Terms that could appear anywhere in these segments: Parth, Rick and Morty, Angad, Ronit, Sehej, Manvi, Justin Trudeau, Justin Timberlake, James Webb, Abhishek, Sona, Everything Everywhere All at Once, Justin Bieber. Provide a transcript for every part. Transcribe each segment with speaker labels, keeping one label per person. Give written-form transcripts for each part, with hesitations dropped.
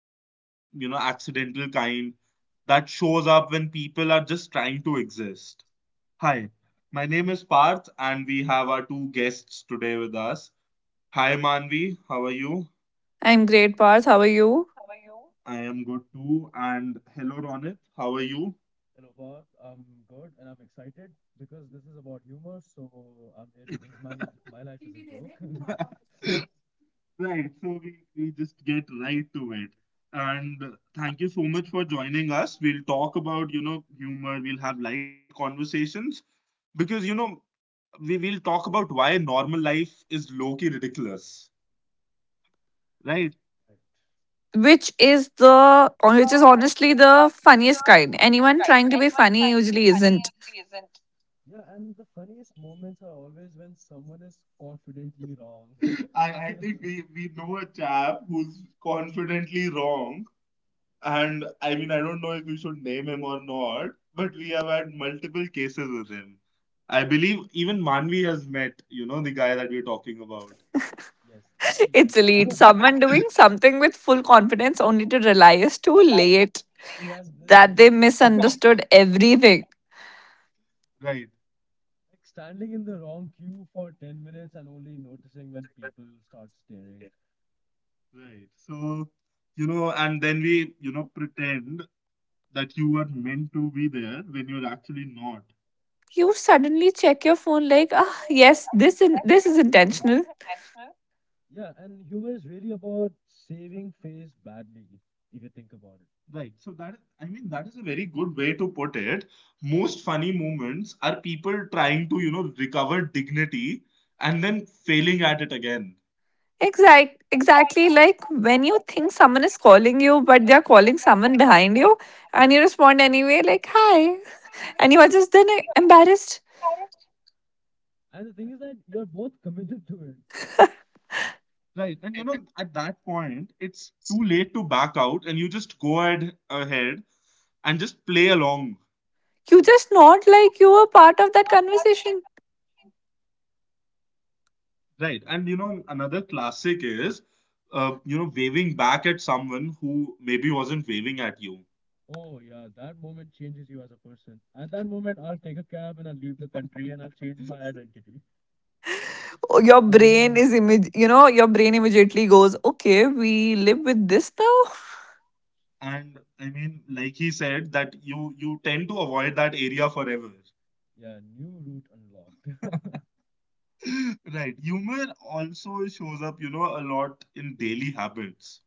Speaker 1: accident, you know, accidental kind that shows up when people are just trying to exist. Hi, my name is Parth, and we have our two guests today with us. Hi Manvi, how are you?
Speaker 2: I'm great, Parth. How are you?
Speaker 1: I am good too. And hello Ronit, how are you? Hello, Parth. I'm good and I'm excited because this is about humor. So it is my li my life is a joke. Right, so we just get right to it. And thank you so much for joining us. We'll talk about, you know, humor, we'll have light conversations because, you know, we will talk about why normal life is low-key ridiculous, right?
Speaker 2: Which is honestly the funniest kind. Anyone trying to be funny usually isn't.
Speaker 1: Yeah, and the funniest moments are always when someone is confidently wrong. I think we know a chap who's confidently wrong. And I mean, I don't know if we should name him or not, but we have had multiple cases with him. I believe even Manvi has met, you know, the guy that we're talking about. Yes, she might
Speaker 2: It's
Speaker 1: have.
Speaker 2: elite.
Speaker 1: She
Speaker 2: Someone doing something with full confidence only to realize too late
Speaker 1: has this
Speaker 2: that
Speaker 1: many.
Speaker 2: they misunderstood everything.
Speaker 1: Right. Like standing in the wrong queue for 10 minutes and only noticing when people start staring. Right. So, you know, and then we, you know, pretend that you were meant to be there when you're actually not.
Speaker 2: You suddenly check your phone like, ah, yes, this is intentional.
Speaker 1: Yeah, and humor is really about saving face badly, if you think about it. Right. So that I mean that is a very good way to put it. Most funny moments are people trying to, you know, recover dignity and then failing at it again.
Speaker 2: Exactly like when you think someone is calling you, but they're calling someone behind you, and you respond anyway, like, hi, and you are just then embarrassed.
Speaker 1: And the thing is that you're both committed to it. Right. And you know, at that point, it's too late to back out and you just go ahead and just play along.
Speaker 2: You just not like you were part of that conversation.
Speaker 1: Right, and you know, another classic is you know, waving back at someone who maybe wasn't waving at you. Oh, yeah, that moment changes you as a person. At that moment, I'll take a cab and I'll leave the country and I'll change my identity. I'm
Speaker 2: Your
Speaker 1: no longer.
Speaker 2: brain is, image, you know, Your brain immediately goes, okay, we live with this now.
Speaker 1: And I mean, like he said, that you tend to avoid that area forever. Yeah, new route unlocked. Right, humor also shows up, you know, a lot in daily habits.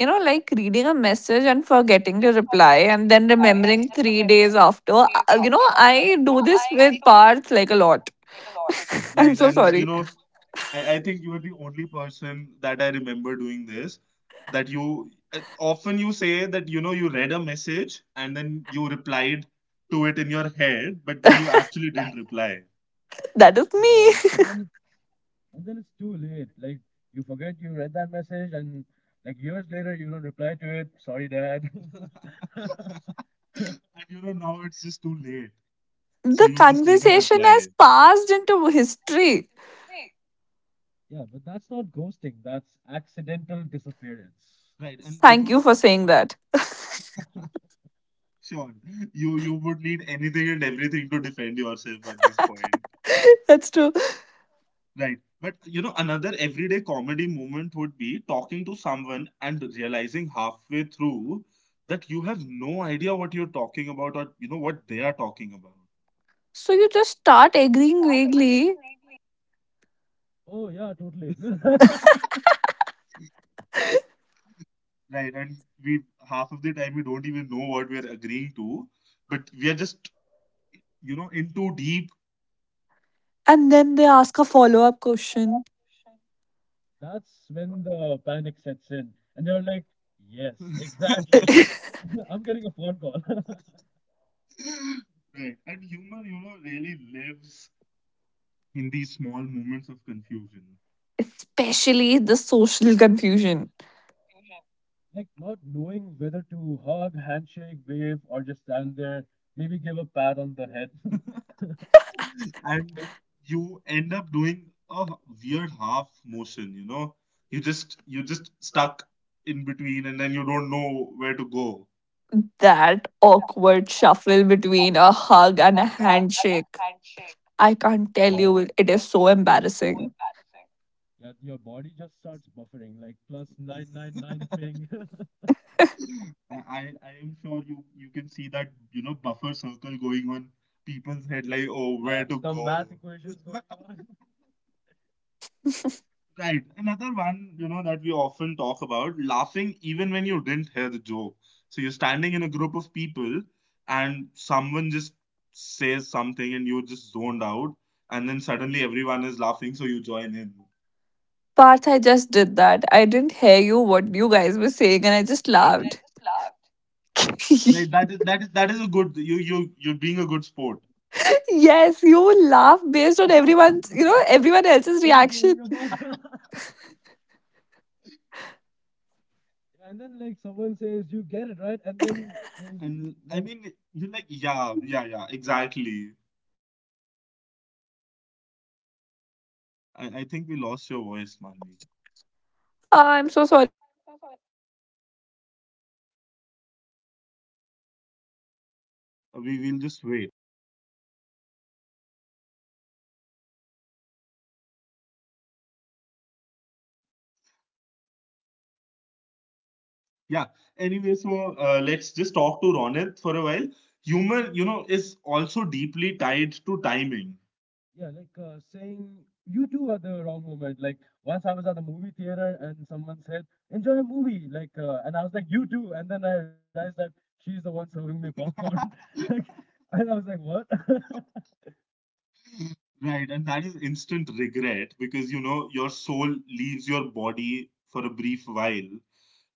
Speaker 2: You know, like reading a message and forgetting to reply and then remembering 3 days after. You know, I do this with parts like a lot. I'm
Speaker 1: Right,
Speaker 2: so
Speaker 1: and you
Speaker 2: sorry.
Speaker 1: know, I think you are the only person that I remember doing this. That you often you say that you know, you read a message and then you replied to it in your head, but then you actually didn't reply.
Speaker 2: That is
Speaker 1: Yeah,
Speaker 2: me.
Speaker 1: and then it's too late. Like you forget you read that message, and like years later you don't reply to it. Sorry, Dad. And you know, now it's just too late, so
Speaker 2: The
Speaker 1: you just never
Speaker 2: conversation has
Speaker 1: reply.
Speaker 2: passed into history.
Speaker 1: Yeah, but that's not ghosting. That's accidental disappearance. Right, and you
Speaker 2: Thank
Speaker 1: know.
Speaker 2: you for saying that.
Speaker 1: Sure. You would need anything and everything to defend yourself at this point.
Speaker 2: That's true.
Speaker 1: Right. But you know, another everyday comedy moment would be talking to someone and realizing halfway through that you have no idea what you're talking about or you know what they are talking about.
Speaker 2: So you just start agreeing vaguely,
Speaker 1: Oh yeah, totally. Right. And we half of the time we don't even know what we're agreeing to, but we are just, you know, in too deep.
Speaker 2: and then they ask a follow up question.
Speaker 1: That's when the panic sets in, and they're like, "Yes, exactly. I'm getting a phone call." Right. And humor, you know, really lives in these small moments of confusion.
Speaker 2: Especially the social confusion.
Speaker 1: Like not knowing whether to hug, handshake, wave, or just stand there, maybe give a pat on the head. And you end up doing a weird half motion, you know? You just you're just stuck in between and then you don't know where to go.
Speaker 2: That awkward shuffle between a hug and a handshake. I
Speaker 1: Oh, yeah.
Speaker 2: can't tell you, it is so embarrassing.
Speaker 1: That your body just starts buffering, like plus nine nine nine ping. I am sure you can see that, you know, buffer circle going on people's head, like oh where to Some go math go. Equations going on. Right, another one you know that we often talk about, laughing even when you didn't hear the joke. So you're standing in a group of people and someone just says something and you're just zoned out and then suddenly everyone is laughing so you join in.
Speaker 2: Parth, I just did that. I didn't hear you what you guys were saying, and I just laughed.
Speaker 1: Right, that is a good, you're being a good sport.
Speaker 2: Yes, you laugh based on everyone else's
Speaker 1: What are
Speaker 2: reaction.
Speaker 1: you talking about? And then like someone says, you get it right, and then like, and I mean, you're like, yeah, exactly. I think we lost your voice, Manvi.
Speaker 3: I'm so sorry.
Speaker 1: We will just wait. Yeah. Anyway, so let's just talk to Ronit for a while. Humor, you know, is also deeply tied to timing. Yeah, like saying you two are the wrong moment. Like once I was at the movie theater and someone said, "Enjoy a movie," like, and I was like, "You too," and then I realized that she's the one serving me popcorn. Like, and I was like, "What?" Right, and that is instant regret because you know your soul leaves your body for a brief while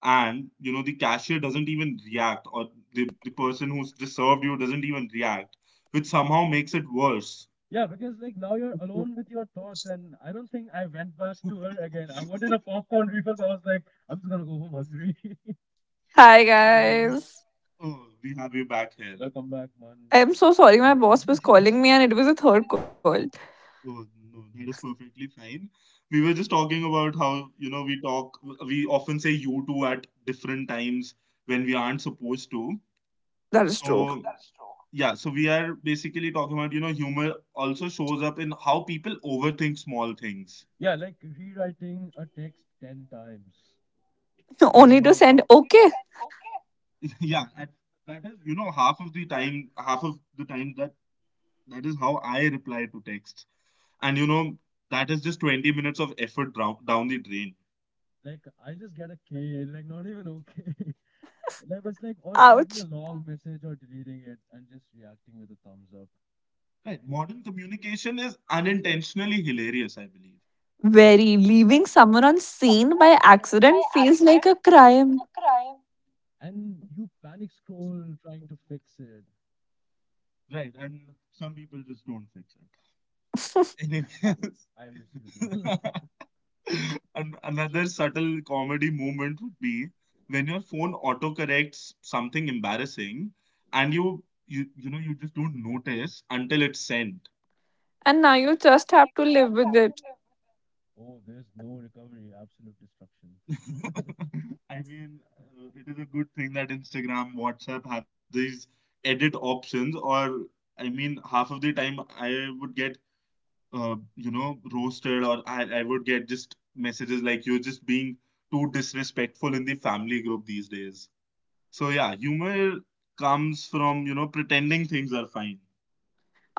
Speaker 1: and you know the cashier doesn't even react or the person who's just served you doesn't even react, which somehow makes it worse. Yeah, because like now you're alone with your thoughts, and I don't think I went past to her again. I wanted a popcorn refill, but I was like, I'm just gonna go home hungry.
Speaker 3: Hi guys.
Speaker 1: Oh, we have you back here. Welcome back, man.
Speaker 3: I'm so sorry. My boss was calling me and it was a third call.
Speaker 1: Oh, no, that is perfectly fine. We were just talking about how, you know, we talk, we often say you two at different times when we aren't supposed to.
Speaker 3: That is true.
Speaker 1: So yeah, so we are basically talking about, you know, humor also shows up in how people overthink small things. Yeah, like rewriting a text 10 times. And you
Speaker 3: Only to
Speaker 1: know,
Speaker 3: send okay.
Speaker 1: yeah, and that is, you know, half of the time that that is how I reply to texts. And you know, that is just 20 minutes of effort down the drain. Like, I just get a K, like, not even okay. Like, it's like, or typing a
Speaker 3: Ouch.
Speaker 1: long message or deleting it and just reacting with a thumbs up. Right. Modern communication is unintentionally hilarious, I believe.
Speaker 3: Very leaving someone unseen by accident feels like a crime.
Speaker 1: And you panic scroll trying to fix it. Right. And some people just don't fix it. Anything else? I wish you could. Another subtle comedy moment would be when your phone autocorrects something embarrassing and you know you just don't notice until it's sent.
Speaker 3: And now you just have to live with it.
Speaker 1: Oh, there's no recovery, absolute destruction. I mean, it is a good thing that Instagram, WhatsApp have these edit options, or I mean, half of the time I would get, you know, roasted, or I would get just messages like you're just being too disrespectful in the family group these days. So, yeah, humor comes from, you know, pretending things are fine.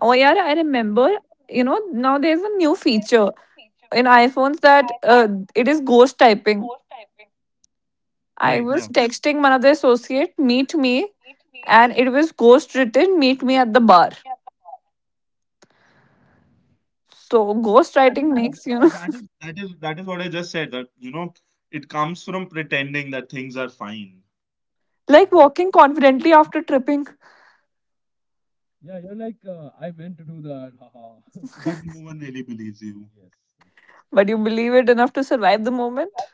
Speaker 3: Oh yeah, I remember, now there's a new feature in iPhones that it is ghost typing. I
Speaker 1: Right.
Speaker 3: was texting one of the associate, meet me, and it was ghost written, meet me at the bar. So
Speaker 1: I
Speaker 3: ghostwriting
Speaker 1: mean,
Speaker 3: makes,
Speaker 1: yeah, that is what I just said. That you know, it comes from pretending that things are fine, I
Speaker 3: like
Speaker 1: haven't.
Speaker 3: walking confidently after tripping,
Speaker 1: Yeah, you're like, I meant to do that. Haha. But no one really believes you. Yes, that's true.
Speaker 3: but you believe it enough to survive the moment.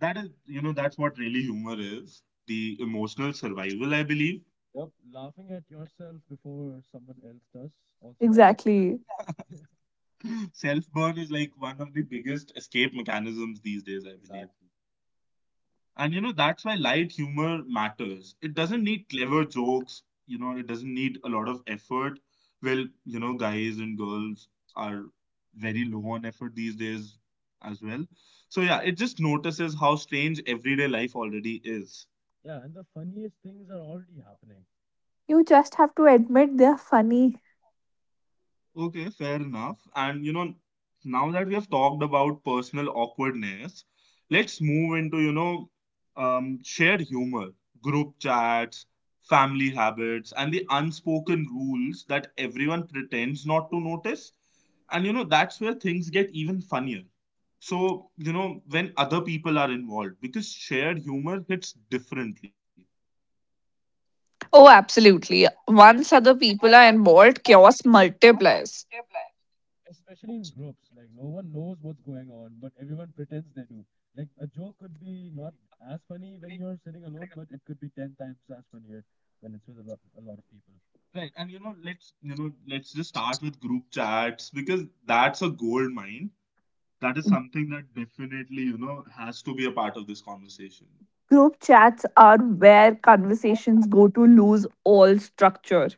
Speaker 1: That is, you know, that's what really humor is. The emotional survival, I believe. Yep. Laughing at yourself before someone else does also.
Speaker 3: Exactly.
Speaker 1: Self burn is like one of the biggest escape mechanisms these days, I Exactly. believe. Exactly. And you know, that's why light humor matters. It doesn't need clever jokes, you know, it doesn't need a lot of effort. Well, you know, guys and girls are very low on effort these days as well. So, yeah, it just notices how strange everyday life already is. Yeah, and the funniest things are already happening.
Speaker 3: You just have to admit they're funny.
Speaker 1: Okay, fair enough. And you know, now that we have talked about personal awkwardness, let's move into, you know, shared humor, group chats, family habits, and the unspoken rules that everyone pretends not to notice. And you know, that's where things get even funnier. So, you know, when other people are involved, because shared humor hits differently,
Speaker 3: Oh, absolutely. Once other people are involved, chaos multiplies.
Speaker 1: especially in groups. Like no one knows what's going on but everyone pretends they do. Like a joke could be not as funny when you're sitting alone but it could be 10 times as funnier when it's with a lot of people. Right, and you know, let's just start with group chats because that's a gold mine. That is something that definitely, has to be a part of this conversation.
Speaker 3: Group chats are where conversations go to lose all structure.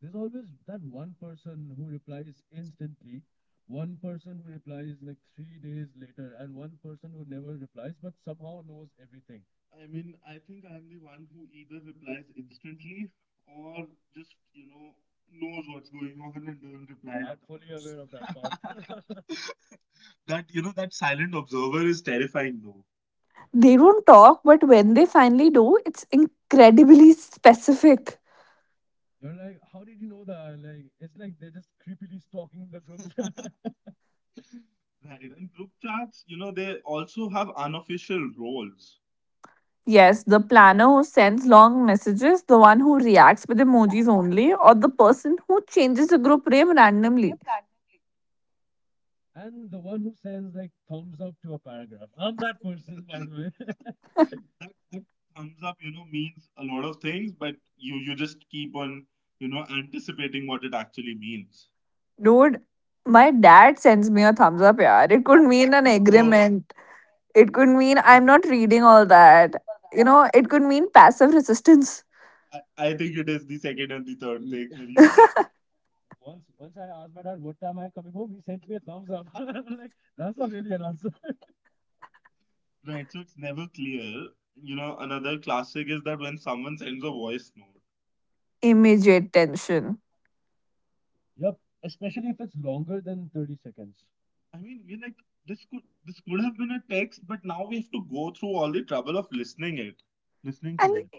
Speaker 1: There's always that one person who replies instantly, one person who replies like 3 days later, and one person who never replies but somehow knows everything. I mean, I think I'm the one who either replies instantly or just, knows what's going on and doesn't reply I'm at all, fully aware of that part. That silent observer is terrifying though.
Speaker 3: They don't talk, but when they finally do, it's incredibly specific.
Speaker 1: You're like, how did you know that? Like, it's like they're just creepily stalking the group. Right. And group chats, they also have unofficial roles.
Speaker 3: Yes, the planner who sends long messages, the one who reacts with emojis only, or the person who changes the group name randomly.
Speaker 1: And the one who sends like thumbs up to a paragraph. I'm that person, by the way. That thumbs up, means a lot of things, but you just keep on, anticipating what it actually means.
Speaker 3: Dude, my dad sends me a thumbs up, yeah. It could mean an
Speaker 1: So
Speaker 3: agreement. It could mean I'm not reading all that. You know, it could mean passive resistance,
Speaker 1: I think it is the second and the third thing for you. Once I asked my dad what time I am coming home, he sent me a thumbs up. I'm like that's not really an answer. Right. So it's never clear. Another classic is that when someone sends a voice note.
Speaker 3: immediate tension.
Speaker 1: Yep. Especially if it's longer than 30 seconds. I mean, we're like this could have been a text, but now we have to go through all the trouble of listening to
Speaker 3: And
Speaker 1: it.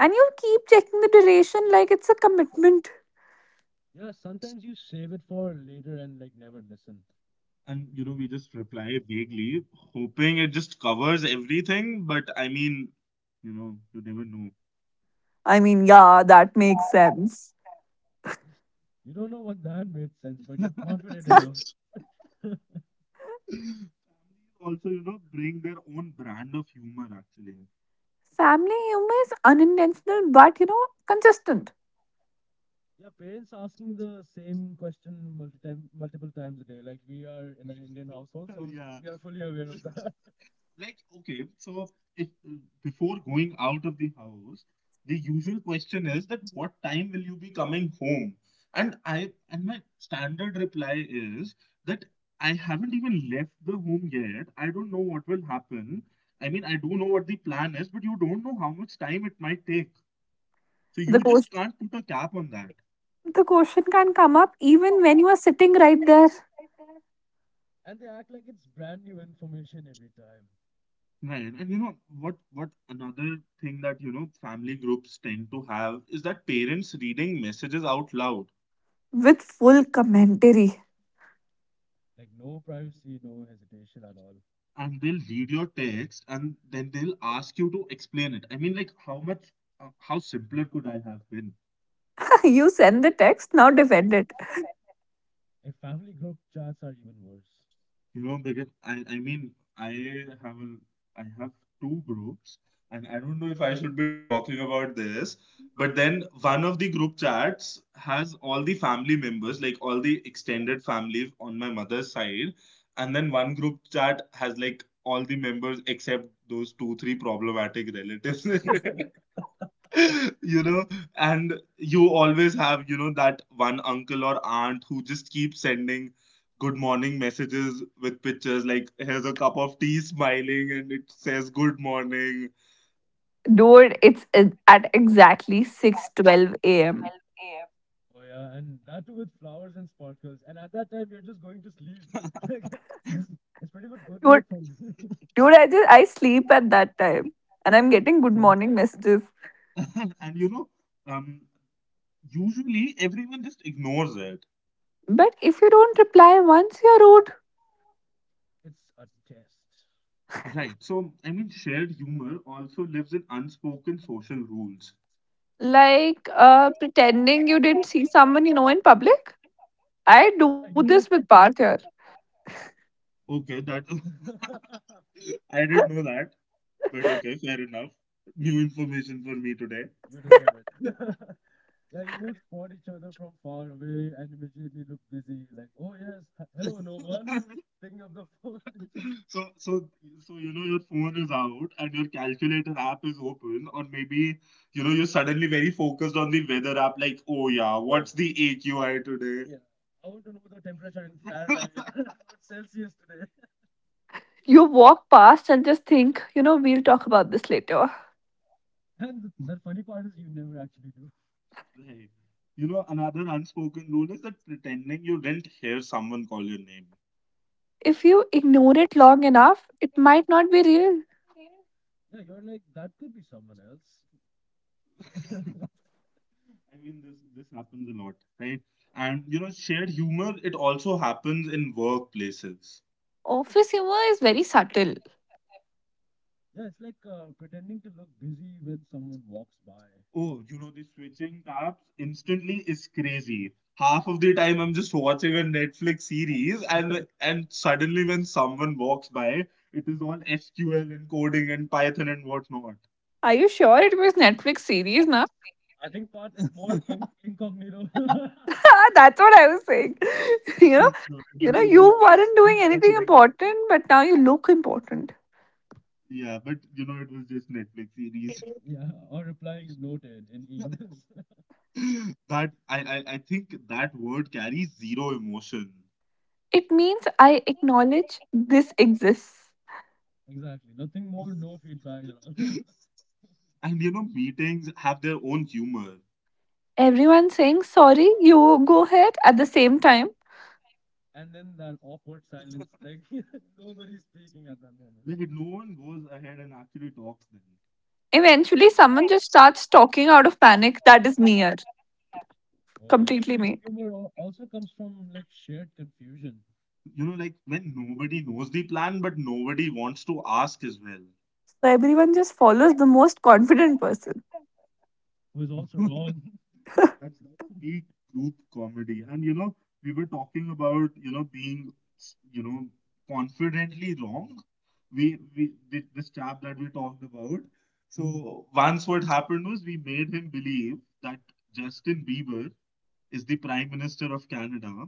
Speaker 3: and you keep checking the duration like it's a commitment.
Speaker 1: Yeah, sometimes you save it for later and like never listen. And we just reply vaguely, hoping it just covers everything. But I mean, you never know.
Speaker 3: I mean, yeah, that makes sense.
Speaker 1: You don't know what that made sense, but you're confident enough. Families also, bring their own brand of humor actually.
Speaker 3: Family humor is unintentional, but you know, consistent.
Speaker 1: Yeah, parents asking the same question multiple times a day. Like we are in an Indian household, so, yeah, we are fully aware of that. Like, okay, so if before going out of the house, the usual question is that what time will you be coming home? And my standard reply is that I haven't even left the home yet. I don't know what will happen. I mean, I do know what the plan is, but you don't know how much time it might take. So
Speaker 3: The
Speaker 1: you just
Speaker 3: question,
Speaker 1: can't put a cap on that.
Speaker 3: the question can come up even when you are sitting right there
Speaker 1: And they act like it's brand new information every time. Right. And you know what another thing that family groups tend to have is that parents reading messages out loud.
Speaker 3: with full commentary.
Speaker 1: Like, no privacy, no hesitation at all. And they'll read your text and then they'll ask you to explain it. I mean like how simpler could I have been?
Speaker 3: You send the text, now defend it.
Speaker 1: And family group chats are even worse. Because I mean, I have a, I have two groups, and I don't know if I should be talking about this, but then one of the group chats has all the family members, like all the extended family on my mother's side, and then one group chat has like all the members except those two, three problematic relatives. you know and you always have that one uncle or aunt who just keeps sending good morning messages with pictures, like here's a cup of tea smiling and it says good morning.
Speaker 3: Dude, it's e- at exactly 6:12 a.m.
Speaker 1: Oh yeah, and that too with flowers and sparkles. And at that time, you're just going to sleep. Like, it's, it's pretty much good night
Speaker 3: Dude,
Speaker 1: for me.
Speaker 3: I just I sleep at that time, and I'm getting good morning messages.
Speaker 1: Exactly. And um usually everyone just ignores it.
Speaker 3: But if you don't reply once, you're rude.
Speaker 1: It's a test. Right. So, I mean, shared humor also lives in unspoken social rules.
Speaker 3: Like pretending you didn't see someone you know in public. I do this with Parth here.
Speaker 1: Okay, that I didn't know that, but okay, fair enough. New information for me today. You deserve it. Like we would spot each other from far away and immediately look busy. Like, oh yes, hello, no one picking up the phone. So, so, so, your phone is out and your calculator app is open, or maybe you're suddenly very focused on the weather app, like, oh yeah, yeah, what's the AQI today? Yeah. I want to know the temperature in Fahrenheit, not Celsius today.
Speaker 3: You walk past and just think, you know, we'll talk about this later.
Speaker 1: And the funny part is, you never actually do. Right. Another unspoken rule is that pretending you didn't hear someone call your name.
Speaker 3: If you ignore it long enough, it might not be real.
Speaker 1: Yeah, you're like, that could be someone else. I mean, this happens a lot, right? And shared humor, it also happens in workplaces.
Speaker 3: Office humor is very subtle.
Speaker 1: Yeah, it's like pretending to look busy when someone walks by. Oh, the switching tabs instantly is crazy. Half of the time I'm just watching a Netflix series, and and suddenly when someone walks by, it is all SQL and coding and Python and whatnot.
Speaker 3: Are you sure it was Netflix series now?
Speaker 1: I think part is more incognito.
Speaker 3: That's what I was saying. you know,
Speaker 1: No, I mean, it
Speaker 3: you
Speaker 1: was,
Speaker 3: weren't doing
Speaker 1: he's
Speaker 3: anything
Speaker 1: definitely.
Speaker 3: important, but now you look important.
Speaker 1: Yeah, but it was just Netflix series. Yeah, or replying noted in emails. That I think that word carries zero emotion.
Speaker 3: It means I acknowledge this exists.
Speaker 1: Exactly. Nothing more, no feedback at all. And meetings have their own humor.
Speaker 3: Everyone saying, sorry, you go ahead at the same time.
Speaker 1: And then that awkward silence, like nobody's speaking at that moment. Like no one goes ahead and actually talks then.
Speaker 3: Eventually, someone just starts talking out of panic. That is me, yaar.
Speaker 1: Oh yes,
Speaker 3: Completely
Speaker 1: group
Speaker 3: me.
Speaker 1: humor also comes from like shared confusion. Like when nobody knows the plan, but nobody wants to ask as well.
Speaker 3: So everyone just follows the most confident person.
Speaker 1: Who is also wrong. That's the peak group comedy. And we were talking about, being, you know, confidently wrong. We did this chap that we talked about. So once what happened was we made him believe that Justin Bieber is the Prime Minister of Canada.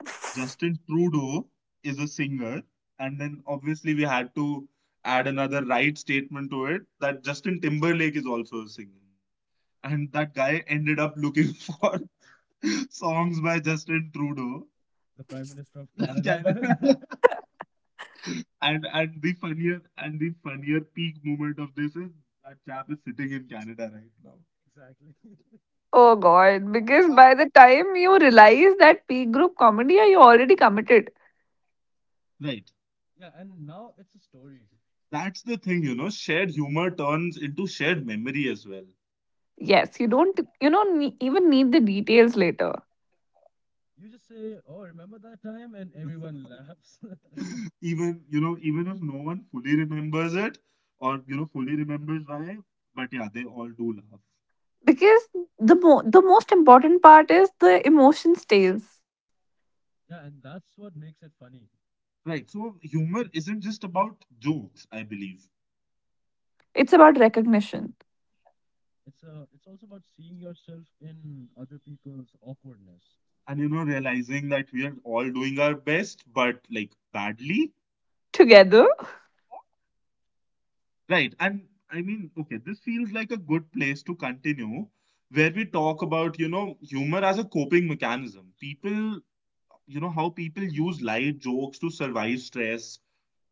Speaker 1: Justin Trudeau is a singer, and then obviously we had to add another right statement to it that Justin Timberlake is also a singer, and that guy ended up looking for songs by Justin Trudeau. The Prime Minister of Canada. And the funnier peak moment of this is that chap is sitting in Canada right now. Exactly.
Speaker 3: Oh god, because by the time you realize that peak group comedy, are you already committed?
Speaker 1: Right. Yeah, and now it's a story. That's the thing, shared humor turns into shared memory as well.
Speaker 3: Yes, you don't ne- even need the details later.
Speaker 1: You just say, "Oh, remember that time?" and everyone laughs. Even if no one fully remembers it, or, fully remembers why, but yeah, they all do laugh.
Speaker 3: Because the most important part is the emotion stays.
Speaker 1: Yeah, and that's what makes it funny. Right. So humor isn't just about jokes, I believe.
Speaker 3: It's about recognition.
Speaker 1: It's a. it's also about seeing yourself in other people's awkwardness. And realizing that we are all doing our best but like badly.
Speaker 3: Together?
Speaker 1: Right. And I mean, okay, this feels like a good place to continue where we talk about humor as a coping mechanism, people. You know how people use light jokes to survive stress,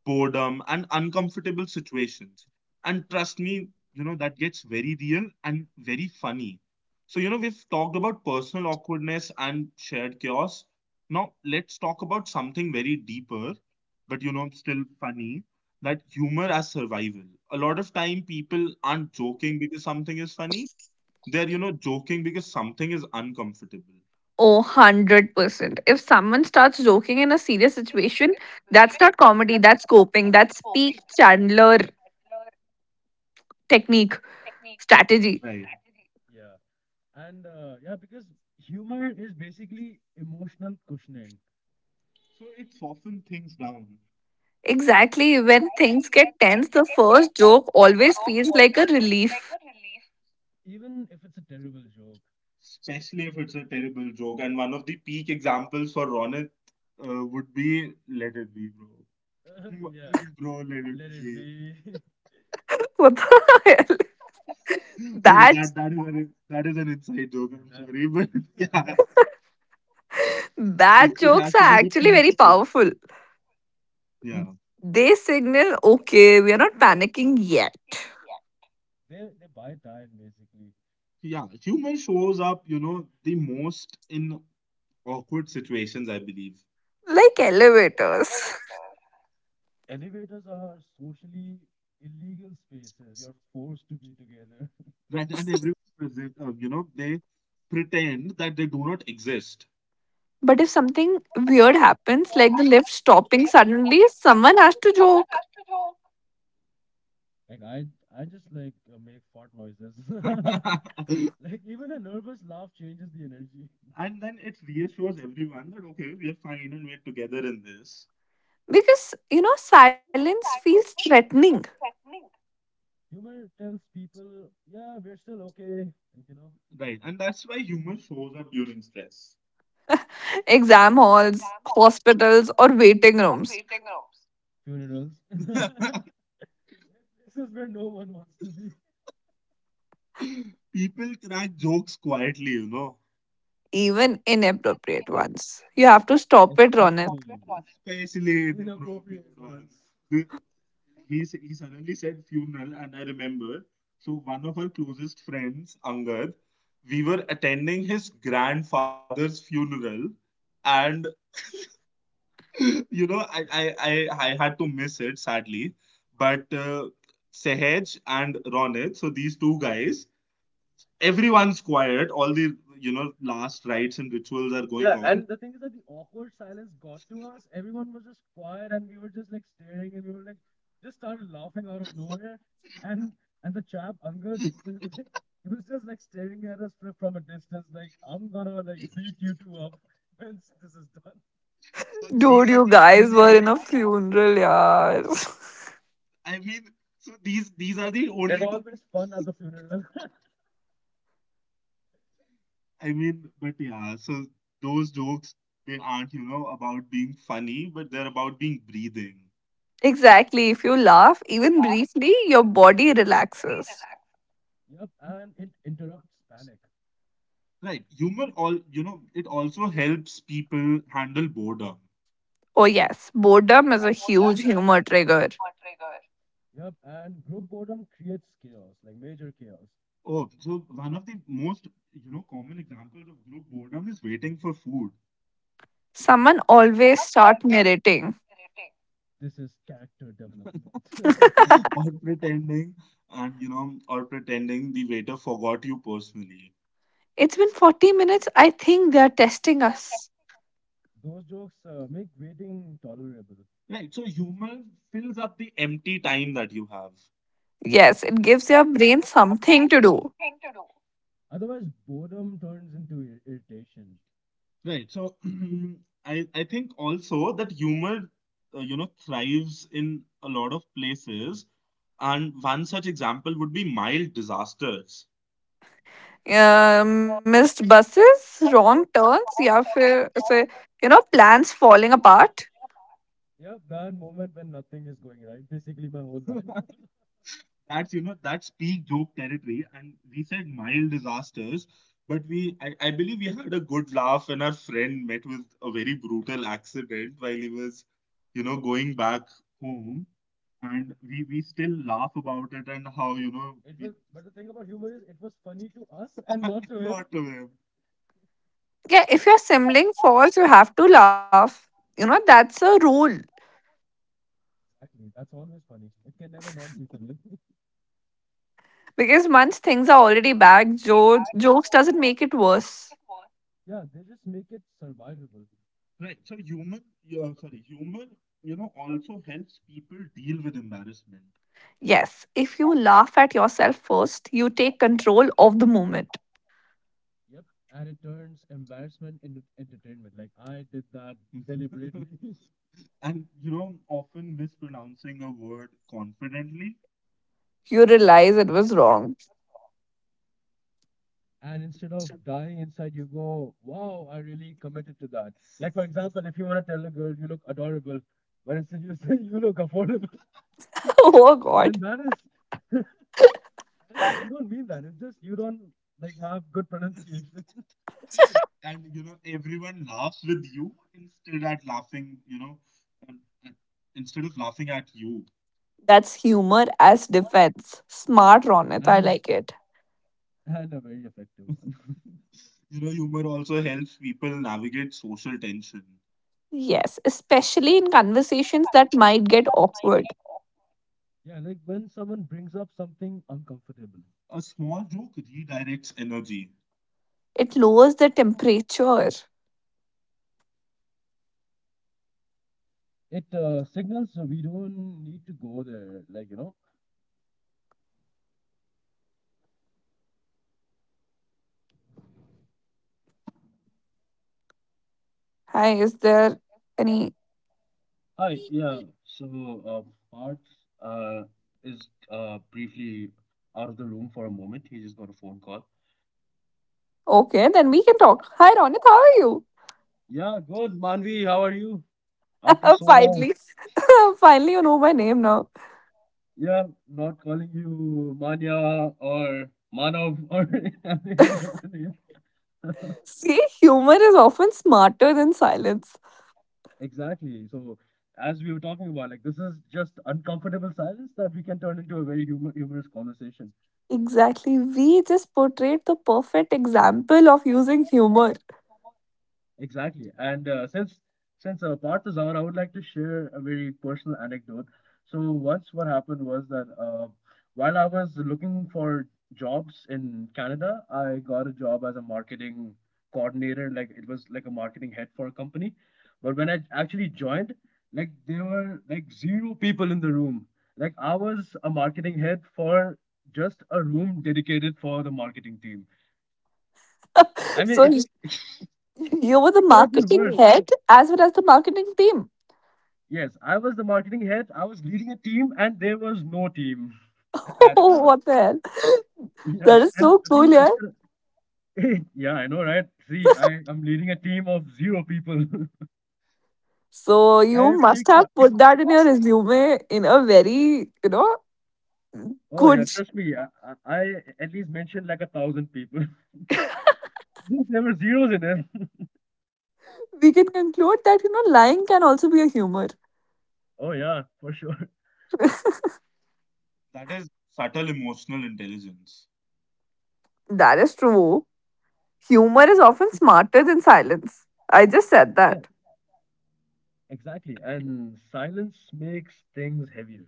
Speaker 1: boredom, and uncomfortable situations. And trust me, that gets very real and very funny. So, we've talked about personal awkwardness and shared chaos. Now, let's talk about something very deeper, but, still funny, that humor as survival. A lot of time people aren't joking because something is funny. They're, joking because something is uncomfortable.
Speaker 3: Oh, 100%. If someone starts joking in a serious situation, that's not comedy, that's coping, that's peak Chandler technique, strategy.
Speaker 1: Right. Yeah, and yeah, because humor is basically emotional cushioning. So it softens things down,
Speaker 3: Exactly. When things get tense, the first joke always feels like a relief.
Speaker 1: even if it's a terrible joke. Especially if it's a terrible joke. And one of the peak examples for Ronit would be Let It Be, bro. Mm, yeah, mm, bro, let it be.
Speaker 3: What the hell?
Speaker 1: Okay,
Speaker 3: That,
Speaker 1: that is an inside joke. I'm sorry, but yeah,
Speaker 3: bad
Speaker 1: it has
Speaker 3: jokes
Speaker 1: to be
Speaker 3: are
Speaker 1: the
Speaker 3: actually
Speaker 1: peak.
Speaker 3: very
Speaker 1: Bro.
Speaker 3: powerful.
Speaker 1: Yeah,
Speaker 3: They signal, okay, we are not panicking yet.
Speaker 1: they buy time basically. Yeah. Humor shows up, the most in awkward situations, I believe.
Speaker 3: Like elevators.
Speaker 1: Elevators are socially illegal spaces. You're forced to be together. Right, and everyone present, they pretend that they do not exist.
Speaker 3: But if something weird happens, like the lift stopping suddenly, someone has to joke.
Speaker 1: Like I just like make fart noises. Like even a nervous laugh changes the energy. And then it reassures everyone that okay, we are fine and we're together in this.
Speaker 3: Because, you know, silence feels threatening.
Speaker 1: Humor tells people, yeah, we're still okay. Like, right, and that's why humor shows up during stress.
Speaker 3: Exam halls, hospitals, or waiting rooms,
Speaker 1: Funerals. This is where no one wants to be. People crack jokes quietly.
Speaker 3: even inappropriate ones. You have to stop it, Ronit.
Speaker 1: Especially Especially the inappropriate ones. the- he suddenly said funeral, and I remember. So, one of our closest friends, Angad, we were attending his grandfather's funeral. And, you know, I, I, I, I had to miss it, sadly. But Sehej and Ronit, so these two guys, everyone's quiet. All the last rites and rituals are going, yeah, on. And the thing is that the awkward silence got to us. Everyone was just quiet, and we were just like staring, and we were like just started laughing out of nowhere. And and the chap Angad, he was just like staring at us from a distance, like I'm gonna like beat you two up once this is done. So these
Speaker 3: Dude,
Speaker 1: are
Speaker 3: you
Speaker 1: the
Speaker 3: guys
Speaker 1: only
Speaker 3: were
Speaker 1: two.
Speaker 3: in a funeral, yeah.
Speaker 1: I mean, so these are the It only It's two always fun at the funeral. I mean, but yeah, so those jokes, they aren't, about being funny, but they're about being breathing.
Speaker 3: Exactly. If you laugh, even briefly, your body relaxes.
Speaker 1: Yep, and it interrupts panic. Right. Humor, all, it also helps people handle boredom.
Speaker 3: Oh, yes, boredom is a huge humor trigger.
Speaker 1: Yep, and group boredom creates chaos, like major chaos. Oh, so one of the most, common examples of group boredom is waiting for food.
Speaker 3: Someone always start narrating.
Speaker 1: This is character development. or pretending and, or pretending the waiter forgot you personally.
Speaker 3: It's been 40 minutes. I think they are testing us.
Speaker 1: Those jokes make waiting tolerable. Right. So humor fills up the empty time that you have.
Speaker 3: Yes, it gives your brain something to do.
Speaker 1: Otherwise, boredom turns into irritation. Right. So I think also that humor thrives in a lot of places, and one such example would be mild disasters.
Speaker 3: Uh, missed buses, wrong turns या फिर ऐसे you know plans falling apart?
Speaker 1: Yeah, that moment when nothing is going right, basically my whole life. That's that's peak joke territory, and we said mild disasters, but I believe we had a good laugh when our friend met with a very brutal accident while he was going back home. And we still laugh about it, and how It we was, but the thing about humor is, it was funny to us and not to him. Not to him
Speaker 3: Yeah, if your sibling falls, you have to laugh. You know, that's a rule.
Speaker 1: Exactly. That's always funny. It can never not be funny.
Speaker 3: Because once things are already bad, jokes doesn't make it worse,
Speaker 1: Yeah, they just make it survivable. Right. So humor, also helps people deal with embarrassment.
Speaker 3: Yes, if you laugh at yourself first, you take control of the moment.
Speaker 1: Yep. And it turns embarrassment into entertainment. Like, I did that deliberately. And often mispronouncing a word confidently.
Speaker 3: You realize it was wrong.
Speaker 1: And instead of dying inside, you go, wow, I really committed to that. Like, for example, if you want to tell a girl you look adorable, but instead you say you look affordable,
Speaker 3: Oh God,
Speaker 1: then that is yes. You don't mean that. It's just you don't like have good pronunciation. And everyone laughs with you instead at laughing you know and instead of laughing at you.
Speaker 3: that's humor as defense. Smart, Ronit. I like it.
Speaker 1: And a very effective one. Humor also helps people navigate social tension.
Speaker 3: Yes, especially in conversations that might get awkward.
Speaker 1: Yeah, like when someone brings up something uncomfortable, a small joke redirects energy.
Speaker 3: It lowers the temperature.
Speaker 1: It signals we don't need to go there. Like
Speaker 3: Hi, is there any?
Speaker 1: hi, yeah. So, Parth uh, is briefly out of the room for a moment. He just got a phone call.
Speaker 3: Okay, then we can talk. Hi, Ronit. How are you?
Speaker 1: Yeah, good, Manvi. How are you? After so long.
Speaker 3: Finally, finally, you know my name now.
Speaker 1: Yeah, not calling you Manya or Manav or any other name.
Speaker 3: See, humor is often smarter than silence.
Speaker 1: Exactly. So, as we were talking about, like this is just uncomfortable silence that we can turn into a very humorous conversation.
Speaker 3: Exactly. We just portrayed the perfect example of using humor.
Speaker 1: Exactly. And since part is out, I would like to share a very personal anecdote. So once what happened was that while I was looking for jobs in Canada, I got a job as a marketing coordinator. Like it was like a marketing head for a company. But when I actually joined, like there were like zero people in the room. Like I was a marketing head for just a room dedicated for the marketing team. I mean,
Speaker 3: So
Speaker 1: it it
Speaker 3: you were the
Speaker 1: could have been
Speaker 3: marketing
Speaker 1: worse.
Speaker 3: head as well as the marketing team.
Speaker 1: Yes, I was the marketing head. I was leading a team, and there was no team at
Speaker 3: Oh,
Speaker 1: all.
Speaker 3: what the hell?
Speaker 1: Yeah,
Speaker 3: That is
Speaker 1: and
Speaker 3: so
Speaker 1: the thing
Speaker 3: cool,
Speaker 1: is,
Speaker 3: yeah.
Speaker 1: yeah, I know, right? See, I am leading a team of zero people.
Speaker 3: So
Speaker 1: I
Speaker 3: you
Speaker 1: was
Speaker 3: must
Speaker 1: like,
Speaker 3: have put that in your resume in a very, you know,
Speaker 1: oh yeah,
Speaker 3: good.
Speaker 1: trust me, I at least mentioned like 1,000 people. There were zeros in it.
Speaker 3: We can conclude that you know lying can also be a humor.
Speaker 1: Oh yeah, for sure. That is subtle emotional intelligence.
Speaker 3: That is true. Humor is often smarter than silence. I just said
Speaker 1: Yeah,
Speaker 3: that.
Speaker 1: exactly. And silence makes things heavier.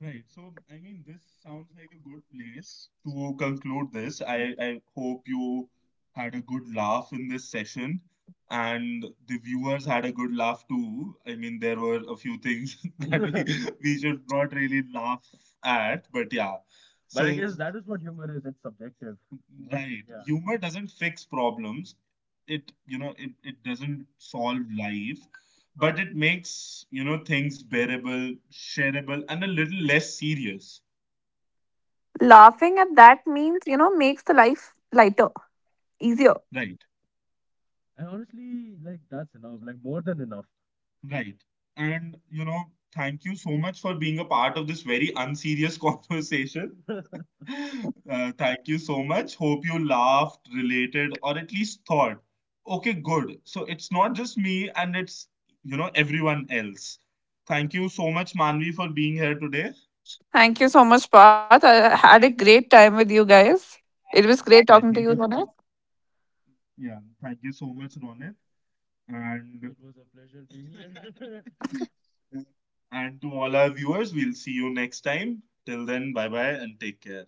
Speaker 1: Right. So, I mean, this sounds like a good place to conclude this. I hope you had a good laugh in this session, and the viewers had a good laugh too. I mean, there were a few things that we should not really laugh at, but yeah. But I So, guess So, that is what humor is. It's subjective. Humor doesn't fix problems. It doesn't solve life, but it makes things bearable, shareable, and a little less serious,
Speaker 3: Laughing at that means you know makes the life lighter, easier.
Speaker 1: right? And honestly, like that's enough, like more than enough. Right. And, thank you so much for being a part of this very unserious conversation. Thank you so much. Hope you laughed, related, or at least thought, okay, good. So it's not just me, and it's, everyone else. Thank you so much, Manvi, for being here today.
Speaker 3: Thank you so much, Path. I had a great time with you guys. It was great
Speaker 1: Right, thank
Speaker 3: talking to
Speaker 1: you
Speaker 3: you,
Speaker 1: so much.
Speaker 3: Sona.
Speaker 1: Yeah, thank you so much, Ronit. And it was a pleasure being here. And to all our viewers, we'll see you next time. Till then, bye bye and take care.